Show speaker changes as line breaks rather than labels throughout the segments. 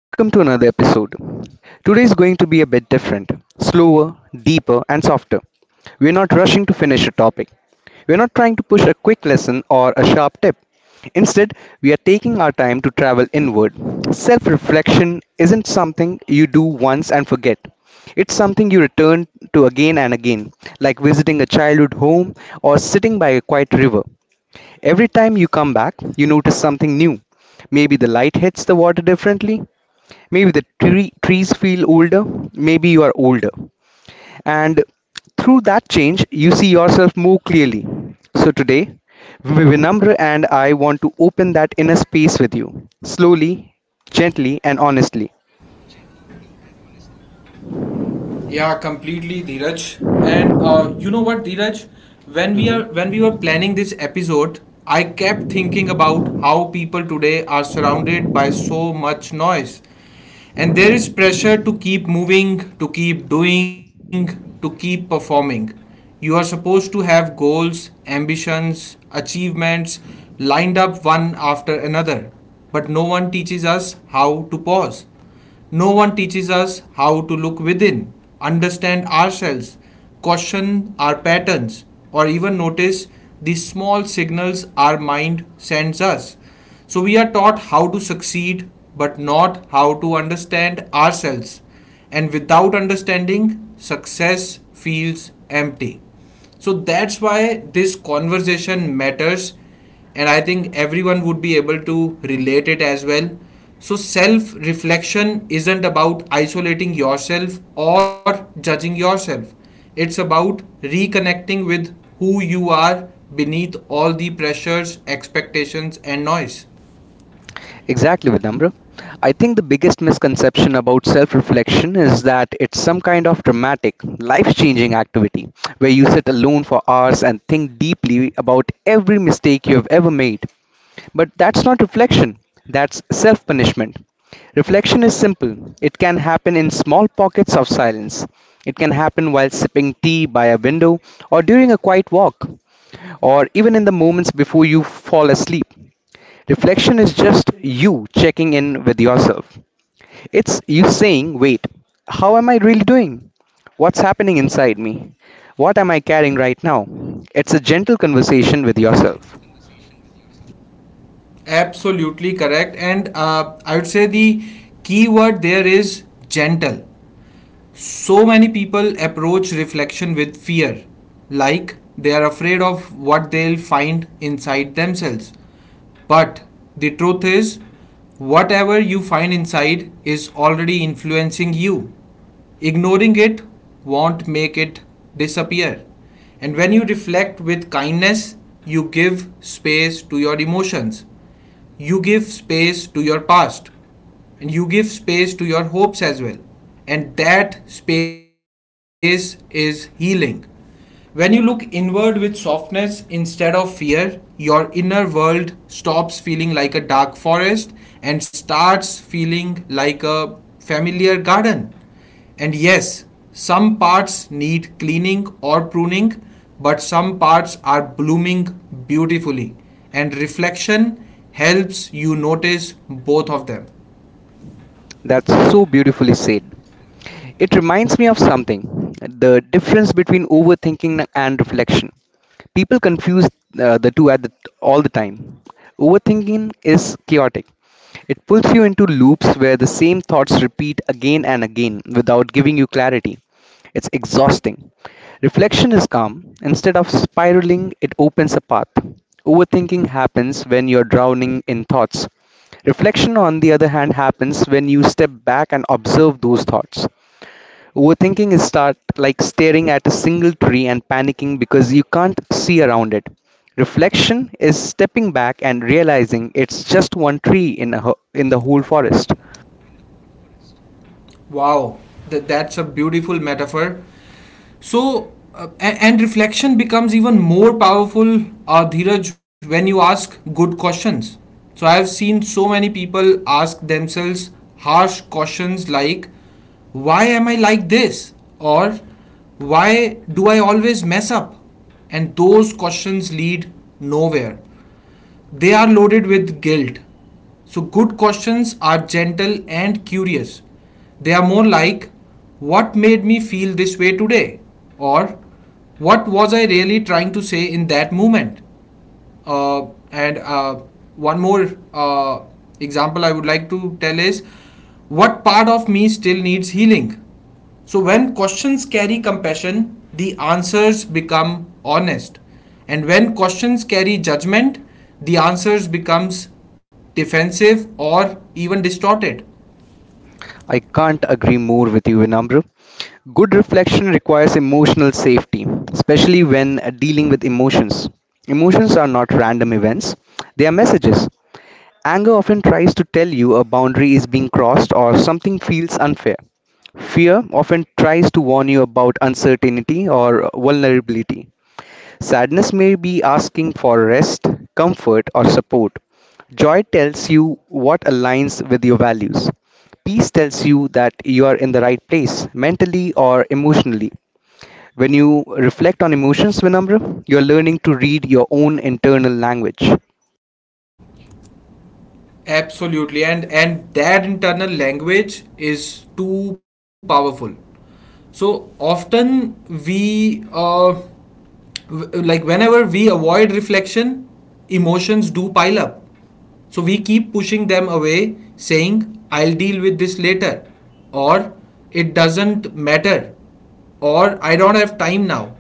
welcome to another episode. Today is going to be a bit different, slower, deeper, and softer. We're not rushing to finish a topic. We're not trying to push a quick lesson or a sharp tip. Instead, we are taking our time to travel inward. Self reflection isn't something you do once and forget. It's something you return to again and again, like visiting a childhood home or sitting by a quiet river. Every time you come back, you notice something new. Maybe the light hits the water differently. Maybe the trees feel older. Maybe you are older. And through that change, you see yourself more clearly. So today, Vinamra and I want to open that inner space with you, slowly, gently, and honestly.
Yeah, completely, Dheeraj. And you know what, Dheeraj? When we are when
Mm-hmm.
we were planning this episode, I kept thinking about how people today are surrounded by so much noise, and there is pressure to keep moving, to keep doing, to keep performing. You are supposed to have goals, ambitions, achievements lined up one after another, but no one teaches us how to pause. No one teaches us how to look within, understand ourselves, question our patterns, or even notice the small signals our mind sends us. So we are taught how to succeed, but not how to understand ourselves. And without understanding, success feels empty. So that's why this conversation matters, and I think everyone would be able to relate it as well. So, self reflection isn't about isolating yourself or judging yourself, it's about reconnecting with who you are beneath all the pressures, expectations, and noise.
Exactly, Vidambra. I think the biggest misconception about self reflection is that it's some kind of dramatic, life changing activity where you sit alone for hours and think deeply about every mistake you have ever made. But that's not reflection, that's self punishment. Reflection is simple. It can happen in small pockets of silence. It can happen while sipping tea by a window or during a quiet walk or even in the moments before you fall asleep. Reflection is just you checking in with yourself. It's you saying, wait, how am I really doing? What's happening inside me? What am I carrying right now? It's a gentle conversation with yourself.
Absolutely correct, and I would say the key word there is gentle. So many people approach reflection with fear, like they are afraid of what they'll find inside themselves. But the truth is, whatever you find inside is already influencing you. Ignoring it won't make it disappear. And when you reflect with kindness, you give space to your emotions. You give space to your past. And you give space to your hopes as well. And that space is healing. When you look inward with softness instead of fear, your inner world stops feeling like a dark forest and starts feeling like a familiar garden. And yes, some parts need cleaning or pruning, but some parts are blooming beautifully. And reflection helps you notice both of them.
That's so beautifully said. It reminds me of something the difference between overthinking and reflection. People confuse the two all the time. Overthinking is chaotic, it pulls you into loops where the same thoughts repeat again and again without giving you clarity. It's exhausting. Reflection is calm. Instead of spiraling, it opens a path. Overthinking happens when you're drowning in thoughts. Reflection, on the other hand, happens when you step back and observe those thoughts. Overthinking is start like staring at a single tree and panicking because you can't see around it. Reflection is stepping back and realizing it's just one tree in the whole forest.
Wow, that's a beautiful metaphor. So, uh, and reflection becomes even more powerful, Dheeraj, when you ask good questions. So, I have seen so many people ask themselves harsh questions like, why am I like this? Or, why do I always mess up? And those questions lead nowhere. They are loaded with guilt. So, good questions are gentle and curious. They are more like, what made me feel this way today? Or, what was I really trying to say in that moment? And one more example I would like to tell is, what part of me still needs healing? So, when questions carry compassion, the answers become honest. And when questions carry judgment, the answers becomes defensive or even distorted.
I can't agree more with you, Vinamra. Good reflection requires emotional safety, especially when dealing with emotions. Emotions are not random events, they are messages. Anger often tries to tell you a boundary is being crossed or something feels unfair. Fear often tries to warn you about uncertainty or vulnerability. Sadness may be asking for rest, comfort, or support. Joy tells you what aligns with your values. Peace tells you that you are in the right place, mentally or emotionally. When you reflect on emotions, Vinamra, you are learning to read your own internal language.
Absolutely, and that internal language is too powerful. So often we uh, like whenever we avoid reflection, emotions do pile up. So we keep pushing them away, saying, I'll deal with this later, or it doesn't matter, or I don't have time now.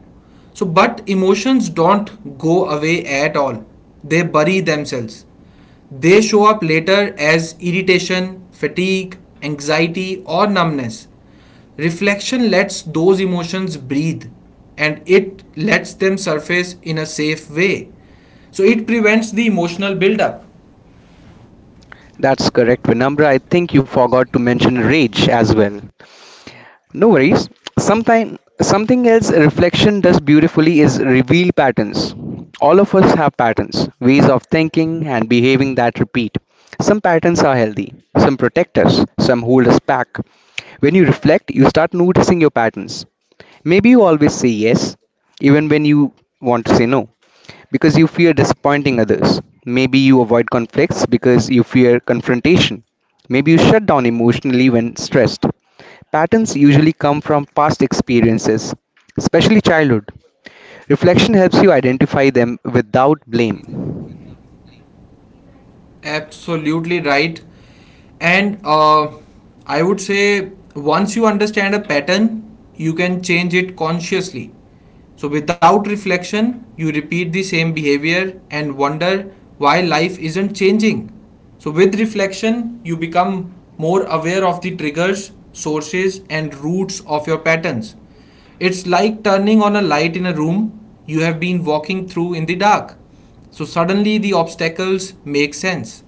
So, but emotions don't go away at all, they bury themselves. They show up later as irritation, fatigue, anxiety, or numbness. Reflection lets those emotions breathe, and it lets them surface in a safe way. So, it prevents the emotional buildup.
That's correct, Vinamra. I think you forgot to mention rage as well. No worries. Sometime, something else reflection does beautifully is reveal patterns. All of us have patterns, ways of thinking and behaving that repeat. Some patterns are healthy, some protect us, some hold us back. When you reflect, you start noticing your patterns. Maybe you always say yes, even when you want to say no because you fear disappointing others. Maybe you avoid conflicts because you fear confrontation. Maybe you shut down emotionally when stressed. Patterns usually come from past experiences, especially childhood. Reflection helps you identify them without blame.
Absolutely right. and I would say, once you understand a pattern, you can change it consciously. So without reflection, you repeat the same behavior and wonder why life isn't changing. So with reflection, you become more aware of the triggers, sources, and roots of your patterns. It's like turning on a light in a room you have been walking through in the dark. So suddenly the obstacles make sense.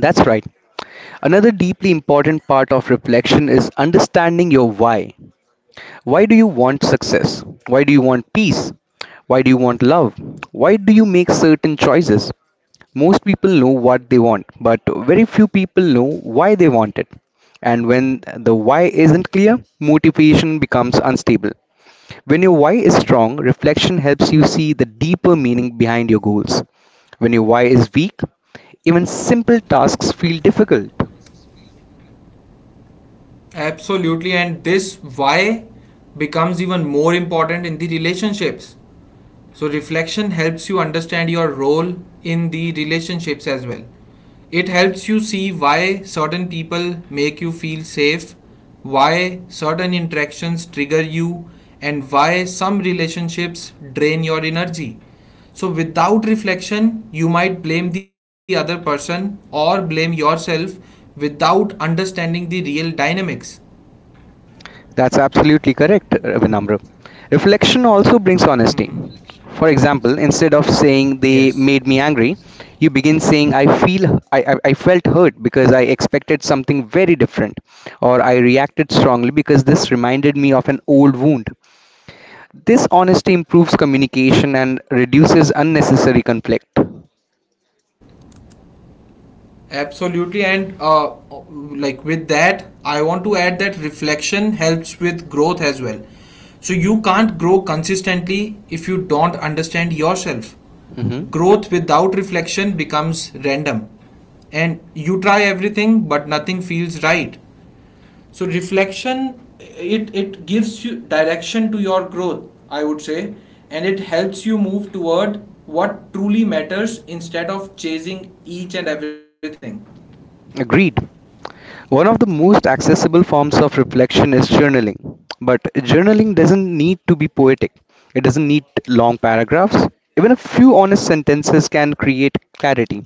That's right. Another deeply important part of reflection is understanding your why. Why do you want success? Why do you want peace? Why do you want love? Why do you make certain choices? Most people know what they want, but very few people know why they want it. And when the why isn't clear, motivation becomes unstable. When your why is strong, reflection helps you see the deeper meaning behind your goals. When your why is weak, even simple tasks feel difficult.
Absolutely, and this why becomes even more important in the relationships. So, reflection helps you understand your role in the relationships as well. It helps you see why certain people make you feel safe, why certain interactions trigger you, and why some relationships drain your energy. So, without reflection, you might blame the other person or blame yourself without understanding the real dynamics.
That's absolutely correct, Vinamra. Reflection also brings honesty.
Mhm.
For example, instead of saying they
Yes,
made me angry, you begin saying I felt hurt because I expected something very different, or I reacted strongly because this reminded me of an old wound. This honesty improves communication and reduces unnecessary conflict.
absolutely. And Like with that, I want to add that reflection helps with growth as well. So you can't grow consistently if you don't understand yourself.
Mhm.
Growth without reflection becomes random. And you try everything, but nothing feels right. So reflection, it gives you direction to your growth, I would say, and it helps you move toward what truly matters instead of chasing each and everything.
Agreed. One of the most accessible forms of reflection is journaling. But journaling doesn't need to be poetic, it doesn't need long paragraphs. Even a few honest sentences can create clarity.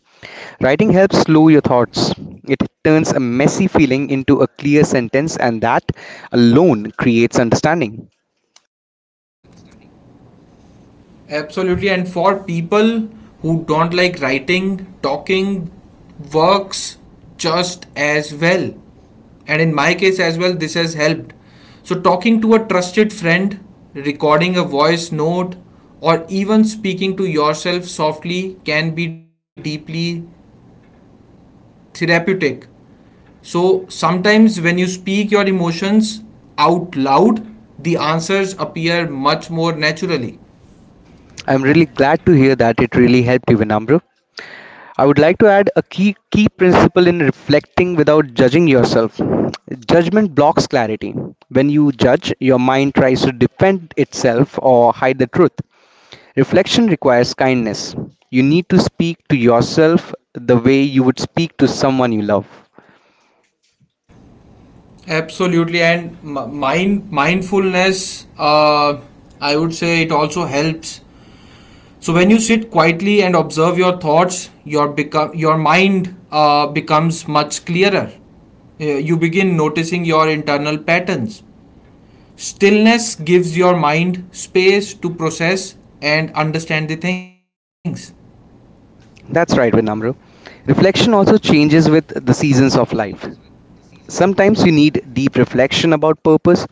Writing helps slow your thoughts. It turns a messy feeling into a clear sentence, and that alone creates understanding.
Absolutely. And for people who don't like writing, talking works just as well. And in my case as well, this has helped. So, talking to a trusted friend, recording a voice note, or even speaking to yourself softly can be deeply therapeutic. So, sometimes when you speak your emotions out loud, the answers appear much more naturally.
I'm really glad to hear that it really helped you, Vinamru. I would like to add a key principle in reflecting without judging yourself. Judgment blocks clarity. When you judge, your mind tries to defend itself or hide the truth. Reflection requires kindness. You need to speak to yourself the way you would speak to someone you love.
Absolutely, and mindfulness, I would say, it also helps. So when you sit quietly and observe your thoughts, your mind becomes much clearer. You begin noticing your internal patterns. Stillness gives your mind space to process and understand the things.
That's right, Vinamru. Reflection also changes with the seasons of life. Sometimes you need deep reflection about purpose.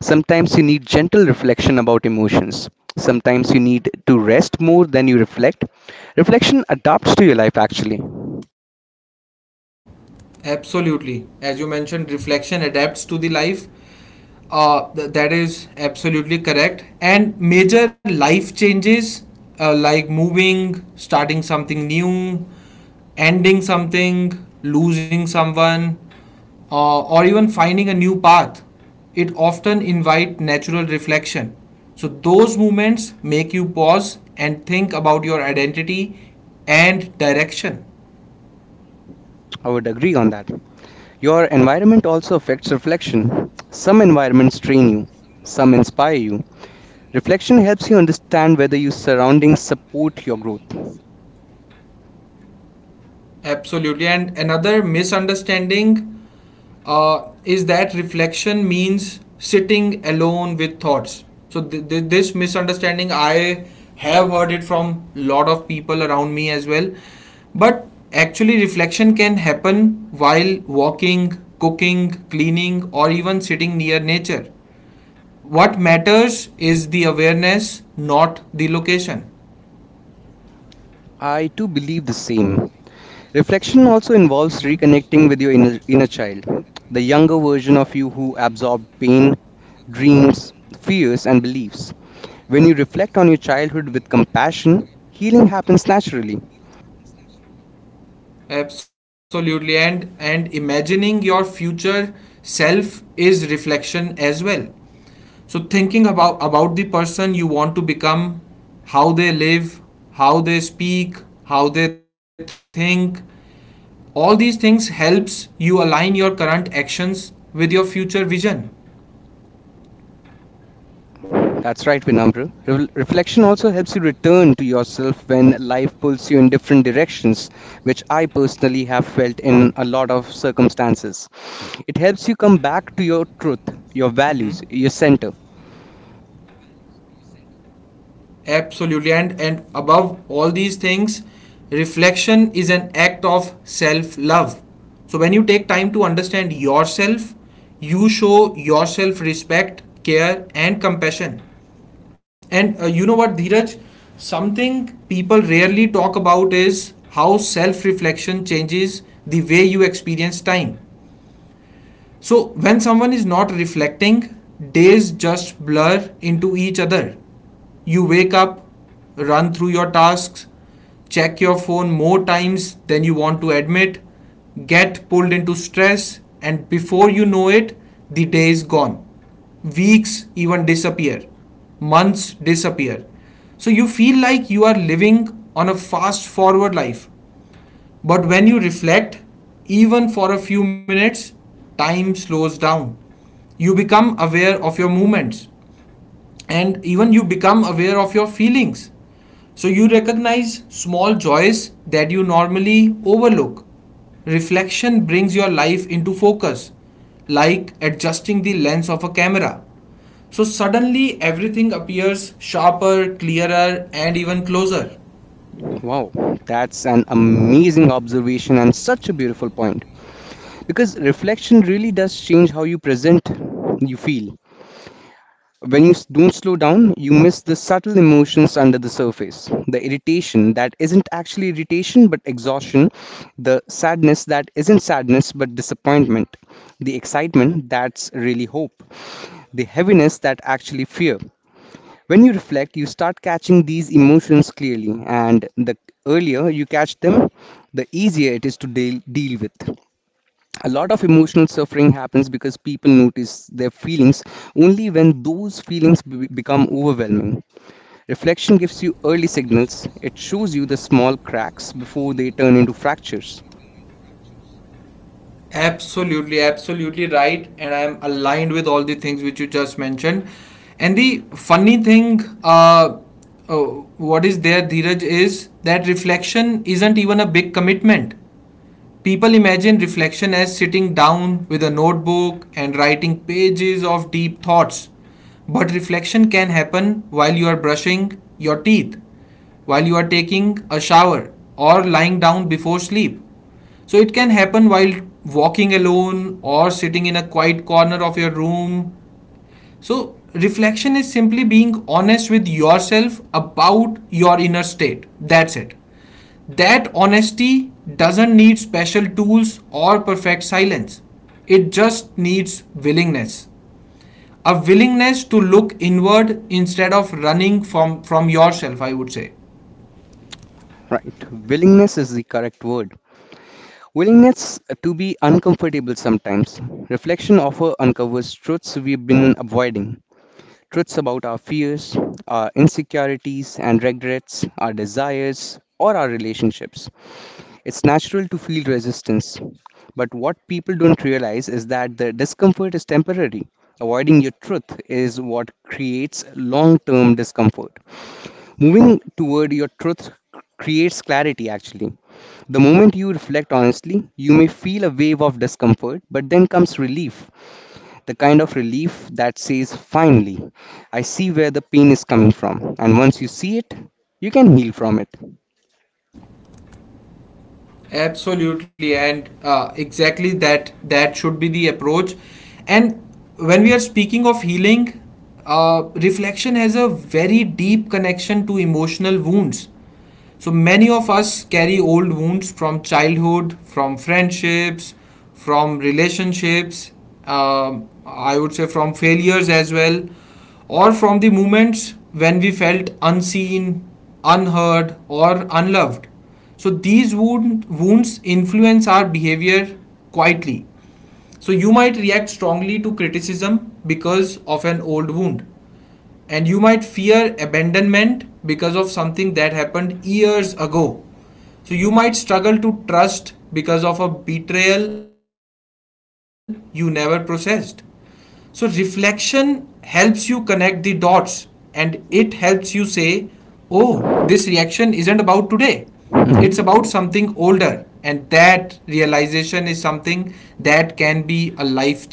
Sometimes you need gentle reflection about emotions. Sometimes you need to rest more than you reflect. Reflection adapts to your life, actually.
Absolutely. As you mentioned, reflection adapts to the life. That is absolutely correct. And major life changes, like moving, starting something new, ending something, losing someone, or even finding a new path, it often invite natural reflection. So those moments make you pause and think about your identity and direction.
I would agree on that. Your environment also affects reflection. Some environments train you, some inspire you. Reflection helps you understand whether your surroundings support your growth.
Absolutely. And another misunderstanding is that reflection means sitting alone with thoughts. So this misunderstanding, I have heard it from lot of people around me as well. But actually, reflection can happen while walking, cooking, cleaning, or even sitting near nature. What matters is the awareness, not the location.
I too believe the same. Reflection also involves
Mhm.
reconnecting with your inner child, the younger version of you who absorbed pain, dreams, fears, and beliefs. When you reflect on your childhood with compassion, healing happens naturally.
Absolutely, and imagining your future self is reflection as well. So thinking about the person you want to become, how they live, how they speak, how they think, all these things helps you align your current actions with your future vision.
That's right, Vinamra. Reflection also helps you return to yourself when life pulls you in different directions, which I personally have felt in a lot of circumstances. It helps you come back to your
Mhm.
truth, your values, your center.
Absolutely, and above all these things, reflection is an act of self love. So when you take time to understand yourself, you show yourself respect, care, and compassion. And You know what, Dheeraj, something people rarely talk about is how self reflection changes the way you experience time. So when someone is not reflecting, days just blur into each other. You wake up, run through your tasks, check your phone more times than you want to admit, get pulled into stress, and before you know it, the day is gone. Weeks even disappear, months disappear. So you feel like you are living on a fast forward life. But when you reflect, even for a few minutes, time slows down. You become aware of your movements, and even you become aware of your feelings. So you recognize small joys that you normally overlook. Reflection brings your life into focus, like adjusting the lens of a camera. So suddenly everything appears sharper, clearer, and even closer.
Wow, that's an amazing observation and such a beautiful point. Because reflection really does change how you feel. When you don't slow down, you miss the subtle emotions under the surface. The irritation that isn't actually irritation but exhaustion, the sadness that isn't sadness but disappointment, the excitement that's really hope, the heaviness that actually fear. When you reflect, you start catching these emotions clearly, and the earlier you catch them, the easier it is to deal with. A lot of emotional suffering happens because people notice their feelings only when those feelings become overwhelming. Reflection gives you early signals, it shows you the small cracks before they turn into fractures.
Absolutely, absolutely right. And I am aligned with all the things which you just mentioned. And the funny thing, uh, what is there, Dheeraj, is that reflection isn't even a big commitment. People imagine reflection as sitting down with a notebook and writing pages of deep thoughts. But reflection can happen while you are brushing your teeth, while you are taking a shower, or lying down before sleep. So it can happen while walking alone or sitting in a quiet corner of your room. So reflection is simply being honest with yourself about your inner state. That's it. That honesty doesn't need special tools or perfect silence. It just needs willingness. A willingness to look inward instead of running from yourself, I would say.
Right, willingness is the correct word. Willingness to be uncomfortable sometimes. Reflection often uncovers truths we've been avoiding. Truths about our fears, our insecurities and regrets, our desires, or our relationships. It's natural to feel resistance, but what people don't realize is that the discomfort is temporary. Avoiding your truth is what creates long term discomfort. Moving toward your truth creates clarity actually. The moment you reflect honestly, you may feel a wave of discomfort, but then comes relief the kind of relief that says, finally, I see where the pain is coming from. And once you see it, you can heal from it.
Absolutely, and exactly, that should be the approach. And when we are speaking of healing, reflection has a very deep connection to emotional wounds. So many of us carry old wounds from childhood, from friendships, from relationships, I would say from failures as well, or from the moments when we felt unseen, unheard, or unloved. So these wounds influence our behavior quietly. So you might react strongly to criticism because of an old wound, and you might fear abandonment because of something that happened years ago. So you might struggle to trust because of a betrayal you never processed. So reflection helps you connect the dots, and it helps you say, oh, this reaction isn't about today. It's about something
Mhm.
older. And that realization is something that can be a life changing.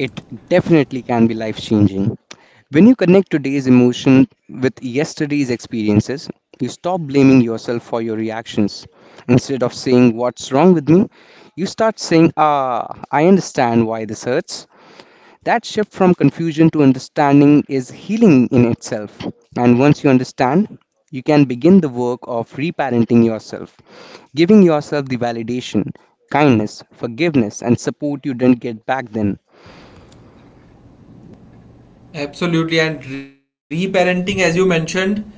It definitely can be life changing. When you connect today's emotion with yesterday's experiences, you stop blaming yourself for your reactions. Instead of saying, what's wrong with me? You start saying, ah, I understand why this hurts. That shift from confusion to understanding is healing in itself. And once you understand, you can begin the work of reparenting yourself, giving yourself the validation, kindness, forgiveness, and support you didn't get back then.
Absolutely, and reparenting, as you mentioned,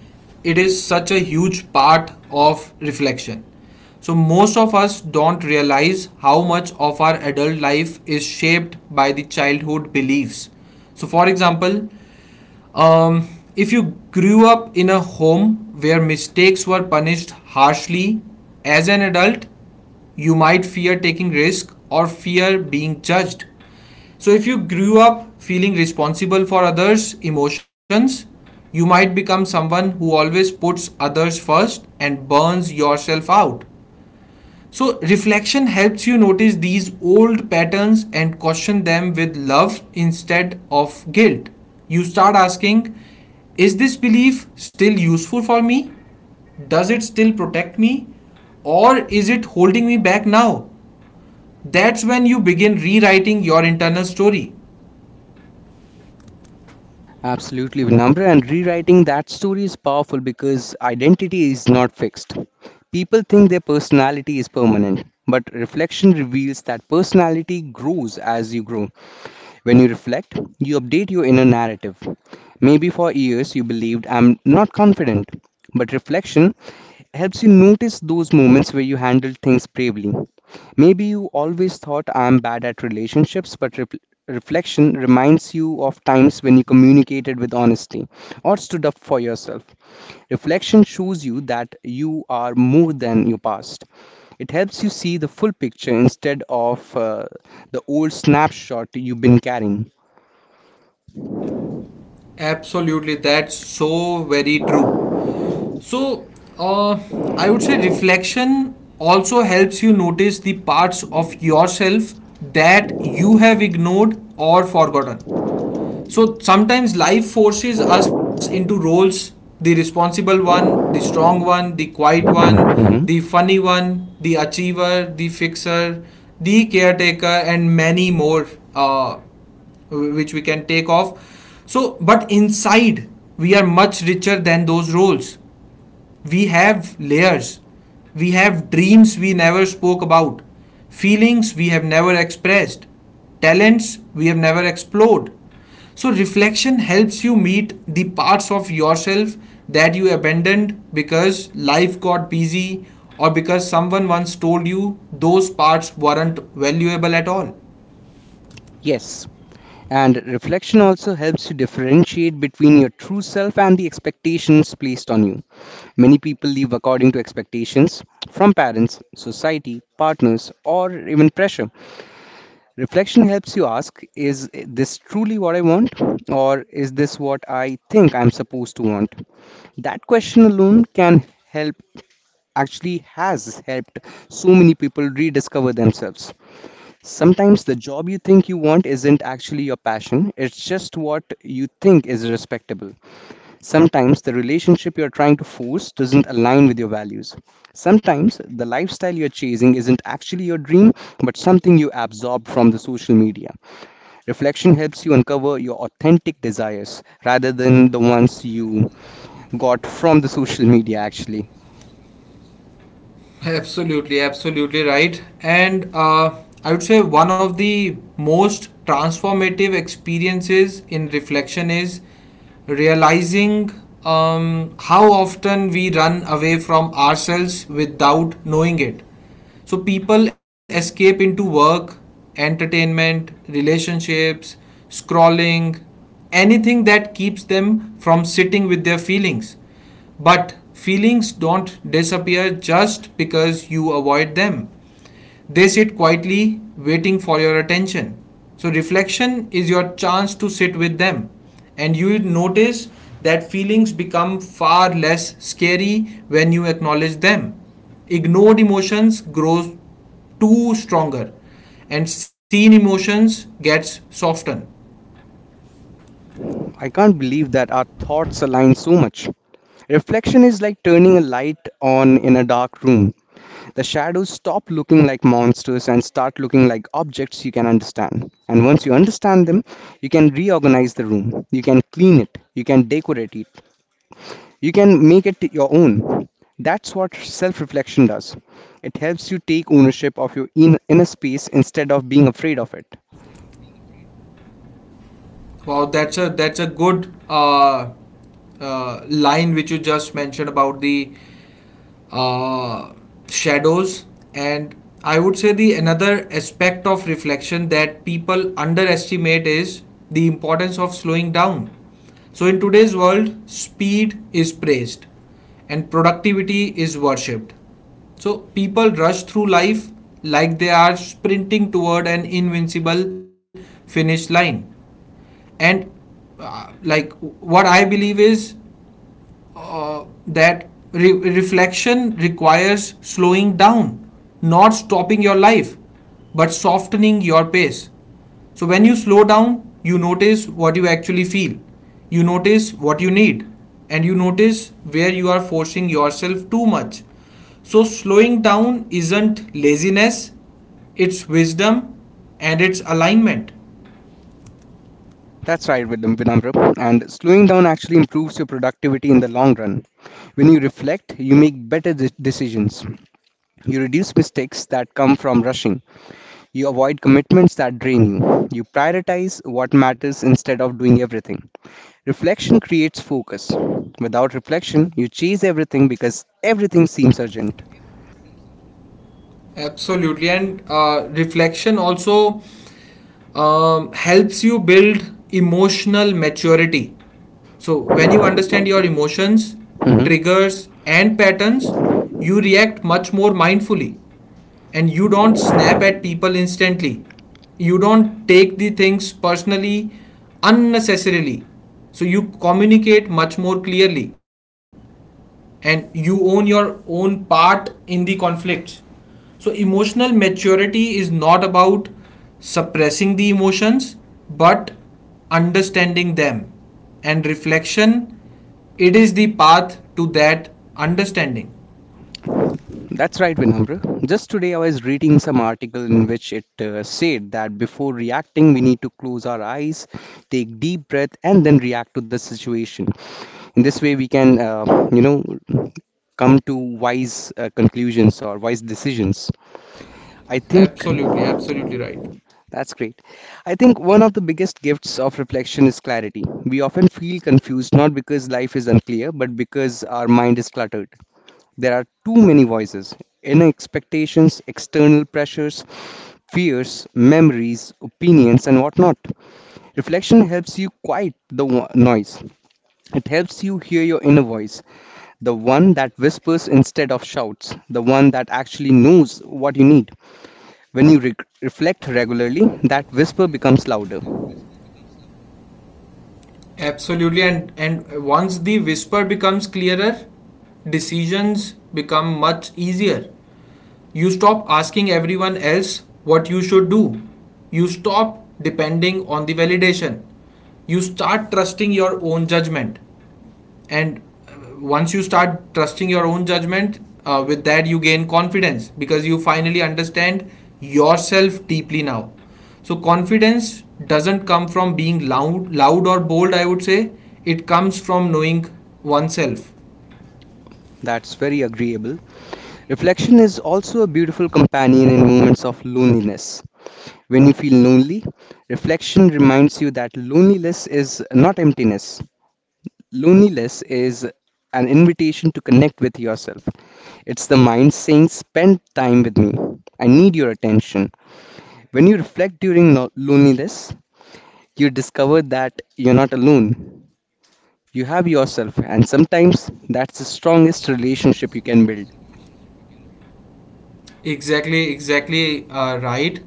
it is such a huge part of reflection. So, most of us don't realize how much of our adult life is shaped by the childhood beliefs. So, for example, um, if you grew up in a home where mistakes were punished harshly, as an adult, you might fear taking risk or fear being judged. So if you grew up feeling responsible for others' emotions, you might become someone who always puts others first and burns yourself out. So, reflection helps you notice these old patterns and question them with love instead of guilt. You start asking, is this belief still useful for me? Does it still protect me? Or is it holding me back now? That's when you begin rewriting your internal story.
Absolutely, Vinamra. And rewriting that story is powerful because identity is not fixed. People think their personality is permanent, but reflection reveals that personality grows as you grow. When you reflect, you update your inner narrative. Maybe for years you believed I'm not confident, but reflection helps you notice those moments where you handled things bravely. Maybe you always thought I'm bad at relationships, but reflection reminds you of times when you communicated with honesty or stood up for yourself. Reflection shows you that you are more than your past. It helps you see the full picture instead of the old snapshot you've been carrying.
Absolutely, that's so very true. So, uh, I would say reflection also helps you notice the parts of yourself that you have ignored or forgotten. So, sometimes life forces us into roles, the responsible one, the strong one, the quiet one,
Mhm.
the funny one, the achiever, the fixer, the caretaker, and many more, uh, which we can take off. So, but inside, we are much richer than those roles, we have layers. We have dreams we never spoke about, feelings we have never expressed, talents we have never explored. So, reflection helps you meet the parts of yourself that you abandoned because life got busy or because someone once told you those parts weren't valuable at all.
Yes, and reflection also helps you differentiate between your true self and the expectations placed on you. Many people live according to expectations from parents, society, partners, or even pressure. Reflection helps you ask is this truly what I want? Or is this what I think I'm supposed to want? That question alone can help, actually, has helped so many people rediscover themselves. Sometimes the job you think you want isn't actually your passion, it's just what you think is respectable. Sometimes the relationship you're trying to force doesn't align with your values. Sometimes the lifestyle you're chasing isn't actually your dream, but something you absorb from the social media. Reflection helps you uncover your authentic desires rather than the ones you got from the social media, actually.
Absolutely, absolutely right. And I would say one of the most transformative experiences in reflection is realizing how often we run away from ourselves without knowing it. So people escape into work, entertainment, relationships, scrolling, anything that keeps them from sitting with their feelings. But feelings don't disappear just because you avoid them. They sit quietly, waiting for your attention. So, reflection is your chance to sit with them, and you will notice that feelings become far less scary when you acknowledge them. Ignored emotions grows too stronger, and seen emotions gets softened.
I can't believe that our thoughts align so much. Reflection is like turning a light on in a dark room. The shadows stop looking like monsters and start looking like objects you can understand. And once you understand them, you can reorganize the room, you can clean it, you can decorate it, you can make it your own. That's what self reflection does. It helps you take ownership of your inner space instead of being afraid of it.
Wow, that's a good line which you just mentioned about the uh, shadows, and I would say the another aspect of reflection that people underestimate is the importance of slowing down. So in today's world speed is praised and productivity is worshipped, so people rush through life like they are sprinting toward an invincible finish line. And like what I believe is, uh, that reflection requires slowing down, not stopping your life, but softening your pace. So when you slow down, you notice what you actually feel, you notice what you need, and you notice where you are forcing yourself too much. So slowing down isn't laziness, it's wisdom and it's alignment.
That's right, Vinamra. And slowing down actually improves your productivity in the long run. When you reflect, you make better decisions. You reduce mistakes that come from rushing. You avoid commitments that drain you. You prioritize what matters instead of doing everything. Reflection creates focus. Without reflection, you chase everything because everything seems urgent.
Absolutely. And reflection also helps you build emotional maturity. So, when you understand your emotions,
Mhm.
triggers, and patterns, you react much more mindfully. And you don't snap at people instantly. You don't take the things personally unnecessarily. So, you communicate much more clearly and you own your own part in the conflict. So, emotional maturity is not about suppressing the emotions but understanding them. And reflection, it is the path to that understanding.
That's right, Vinamra. Just today, I was reading some article in which it said that before reacting, we need to close our eyes, take deep breath, and then react to the situation. In this way, we can, come to wise conclusions or wise decisions. I think
Absolutely, absolutely right.
that's great. I think one of the biggest gifts of reflection is clarity. We often feel confused not because life is unclear, but because our mind is cluttered. There are too many voices, inner expectations, external pressures, fears, memories, opinions, and whatnot. Reflection helps you quiet the noise. It helps you hear your inner voice, the one that whispers instead of shouts, the one that actually knows what you need. When you reflect regularly, that whisper becomes louder.
Absolutely, and once the whisper becomes clearer, decisions become much easier. You stop asking everyone else what you should do. You stop depending on the validation. You start trusting your own judgment. And once you start trusting your own judgment, with that you gain confidence because you finally understand yourself deeply now. So confidence doesn't come from being loud or bold. I would say it comes from knowing oneself.
That's very agreeable. Reflection is also a beautiful companion in moments of loneliness. When you feel lonely, reflection reminds you that loneliness is not emptiness. Loneliness is an invitation to connect with yourself. It's the mind saying, "Spend time with me. I need your attention." When you reflect during loneliness, you discover that you're not alone. You have yourself, and sometimes that's the strongest relationship you can build.
Exactly, exactly right.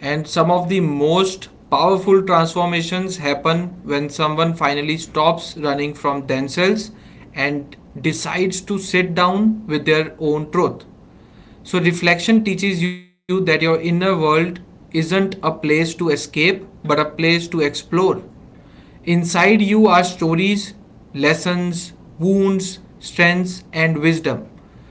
And some of the most powerful transformations happen when someone finally stops running from themselves and decides to sit down with their own truth. So, reflection teaches you that your inner world isn't a place to escape, but a place to explore. Inside you are stories, lessons, wounds, strengths, and wisdom.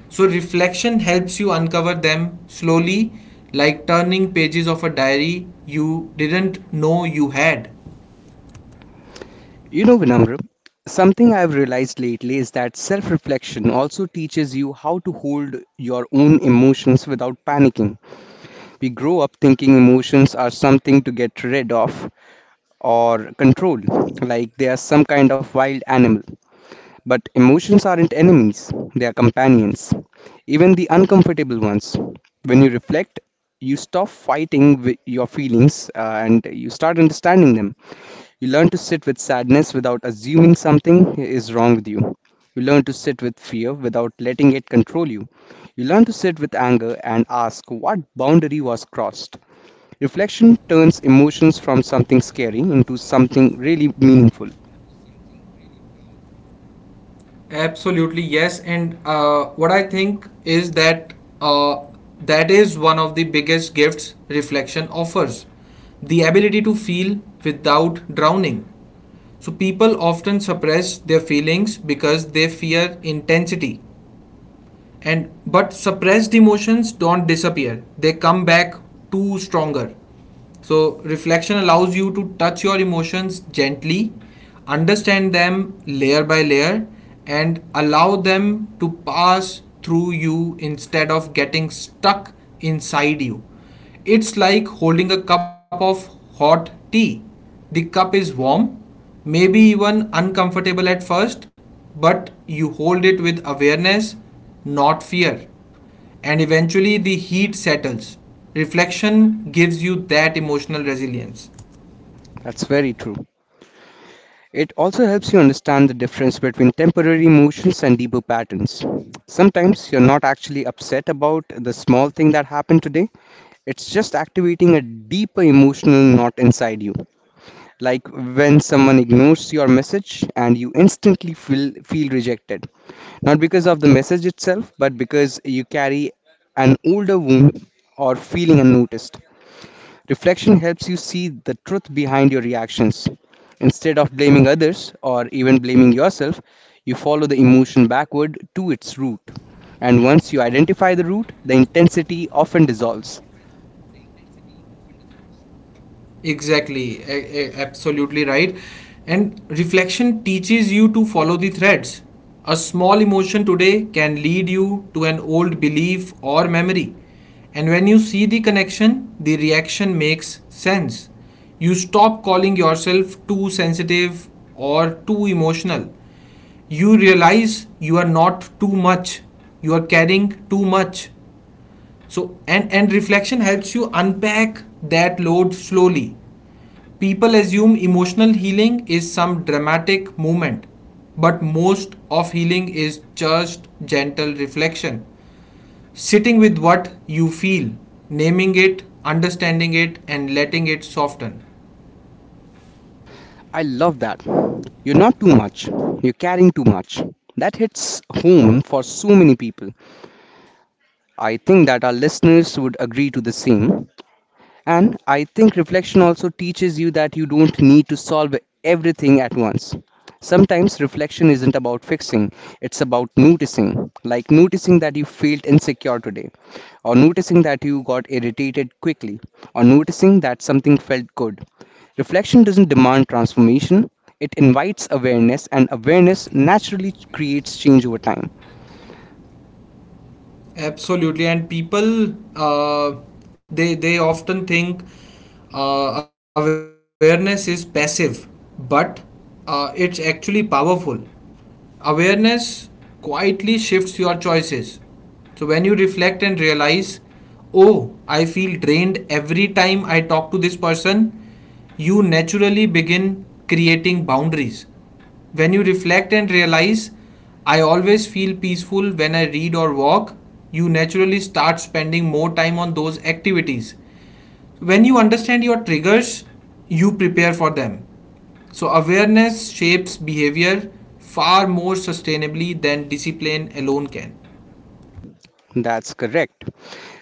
So, reflection helps you uncover them slowly, like turning pages of a diary you didn't know you had.
You know, Vinamra, something I've realized lately is that self reflection also teaches you how to hold your own emotions without panicking. We grow up thinking emotions are something to get rid of or control, like they are some kind of wild animal. But emotions aren't enemies, they are companions, even the uncomfortable ones. When you reflect, you stop fighting your feelings and you start understanding them. You learn to sit with sadness without assuming something is wrong with you. You learn to sit with fear without letting it control you. You learn to sit with anger and ask what boundary was crossed. Reflection turns emotions from something scary into something really meaningful.
Absolutely, yes. And what I think is that, uh, that is one of the biggest gifts reflection offers, the ability to feel without drowning. So people often suppress their feelings because they fear intensity. And but suppressed emotions don't disappear. They come back too stronger. So reflection allows you to touch your emotions gently, understand them layer by layer and allow them to pass through you instead of getting stuck inside you. It's like holding a cup of hot tea. The cup is warm, maybe even uncomfortable at first, but you hold it with awareness, not fear. And eventually the heat settles. Reflection gives you that emotional resilience.
That's very true. It also helps you understand the difference between temporary emotions and deeper patterns. Sometimes you're not actually upset about the small thing that happened today, it's just activating a deeper emotional knot inside you. Like when someone ignores your message and you instantly feel rejected. Not because of the message itself, but because you carry an older wound or feeling unnoticed. Reflection helps you see the truth behind your reactions. Instead of blaming others or even blaming yourself, you follow the emotion backward to its root. And once you identify the root, the intensity often dissolves.
Exactly, absolutely right. And reflection teaches you to follow the threads. A small emotion today can lead you to an old belief or memory. And when you see the connection, the reaction makes sense. You stop calling yourself too sensitive or too emotional. You realize you are not too much, you are carrying too much. So, and reflection helps you unpack that load slowly. People assume emotional healing is some dramatic movement, but most of healing is just gentle reflection. Sitting with what you feel, naming it, understanding it, and letting it soften.
I love that. You're not too much, you're carrying too much. That hits home for so many people. I think that our listeners would agree to the same. And I think reflection also teaches you that you don't need to solve everything at once. Sometimes reflection isn't about fixing, it's about noticing. Like noticing that you felt insecure today, or noticing that you got irritated quickly, or noticing that something felt good. Reflection doesn't demand transformation, it invites awareness, and awareness naturally creates change over time.
Absolutely, and people they often think awareness is passive, but it's actually powerful. Awareness quietly shifts your choices. So when you reflect and realize, oh, I feel drained every time I talk to this person, you naturally begin creating boundaries. When you reflect and realize, I always feel peaceful when I read or walk, you naturally start spending more time on those activities. When you understand your triggers, you prepare for them. So, awareness shapes behavior far more sustainably than discipline alone can.
That's correct.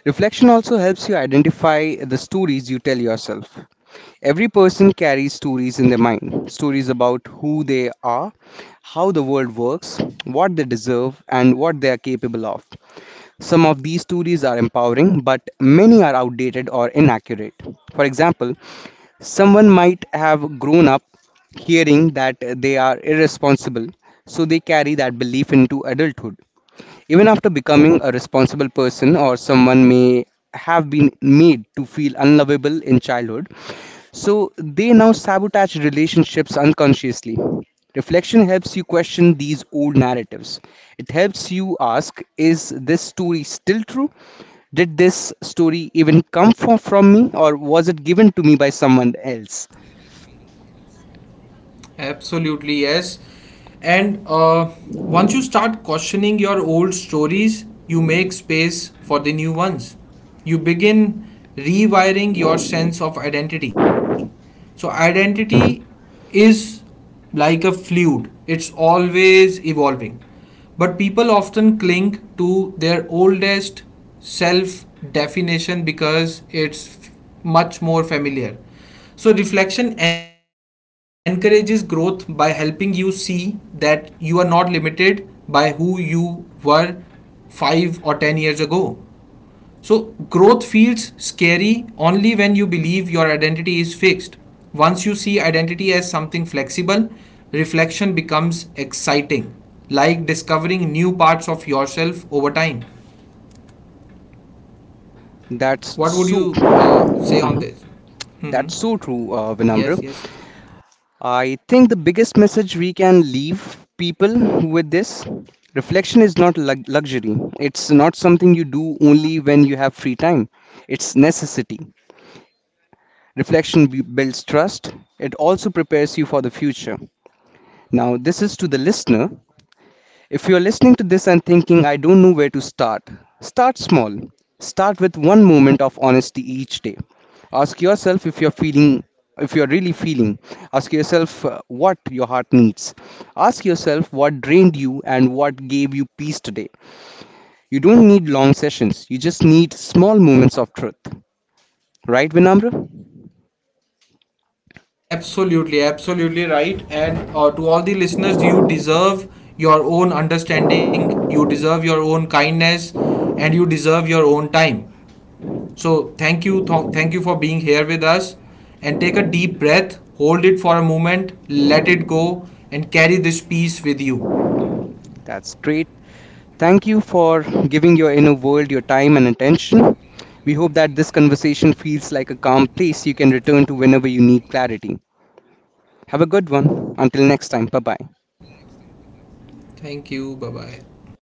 Reflection also helps you identify the stories you tell yourself. Every person carries stories in their mind, stories about who they are, how the world works, what they deserve, and what they are capable of. Some of these stories are empowering, but many are outdated or inaccurate. For example, someone might have grown up hearing that they are irresponsible, so they carry that belief into adulthood, even after becoming a responsible person. Or someone may have been made to feel unlovable in childhood, so they now sabotage relationships unconsciously. Reflection helps you question these old narratives. It helps you ask, "Is this story still true? Did this story even come from me, or was it given to me by someone else?"
Absolutely, yes. And once you start questioning your old stories, you make space for the new ones. You begin rewiring your sense of identity. So, identity
Mhm.
is like a fluid, it's always evolving. But people often cling to their oldest self definition because it's much more familiar. So, reflection encourages growth by helping you see that you are not limited by who you were 5 or 10 years ago. So, growth feels scary only when you believe your identity is fixed. Once you see identity as something flexible, reflection becomes exciting, like discovering new parts of yourself over time.
That's
What would
so.
you say
uh
on this?
That's so true, Vinamra.
Yes, yes.
I think the biggest message we can leave people with this: reflection is not luxury. It's not something you do only when you have free time. It's necessity. Reflection builds trust. It also prepares you for the future. Now, this is to the listener. If you're listening to this and thinking, "I don't know where to start," start small. Start with one moment of honesty each day. Ask yourself if you're feeling, if you're really feeling. Ask yourself what your heart needs. Ask yourself what drained you and what gave you peace today. You don't need long sessions, you just need small moments of truth. Right, Vinamra?
Absolutely, absolutely right. And to all the listeners, you deserve your own understanding, you deserve your own kindness, and you deserve your own time. So, thank you, thank you for being here with us. And take a deep breath, hold it for a moment, let it go, and carry this peace with you.
That's great. Thank you for giving your inner world your time and attention. We hope that this conversation feels like a calm place you can return to whenever you need clarity. Have a good one. Until next time, bye bye.
Thank you, bye bye.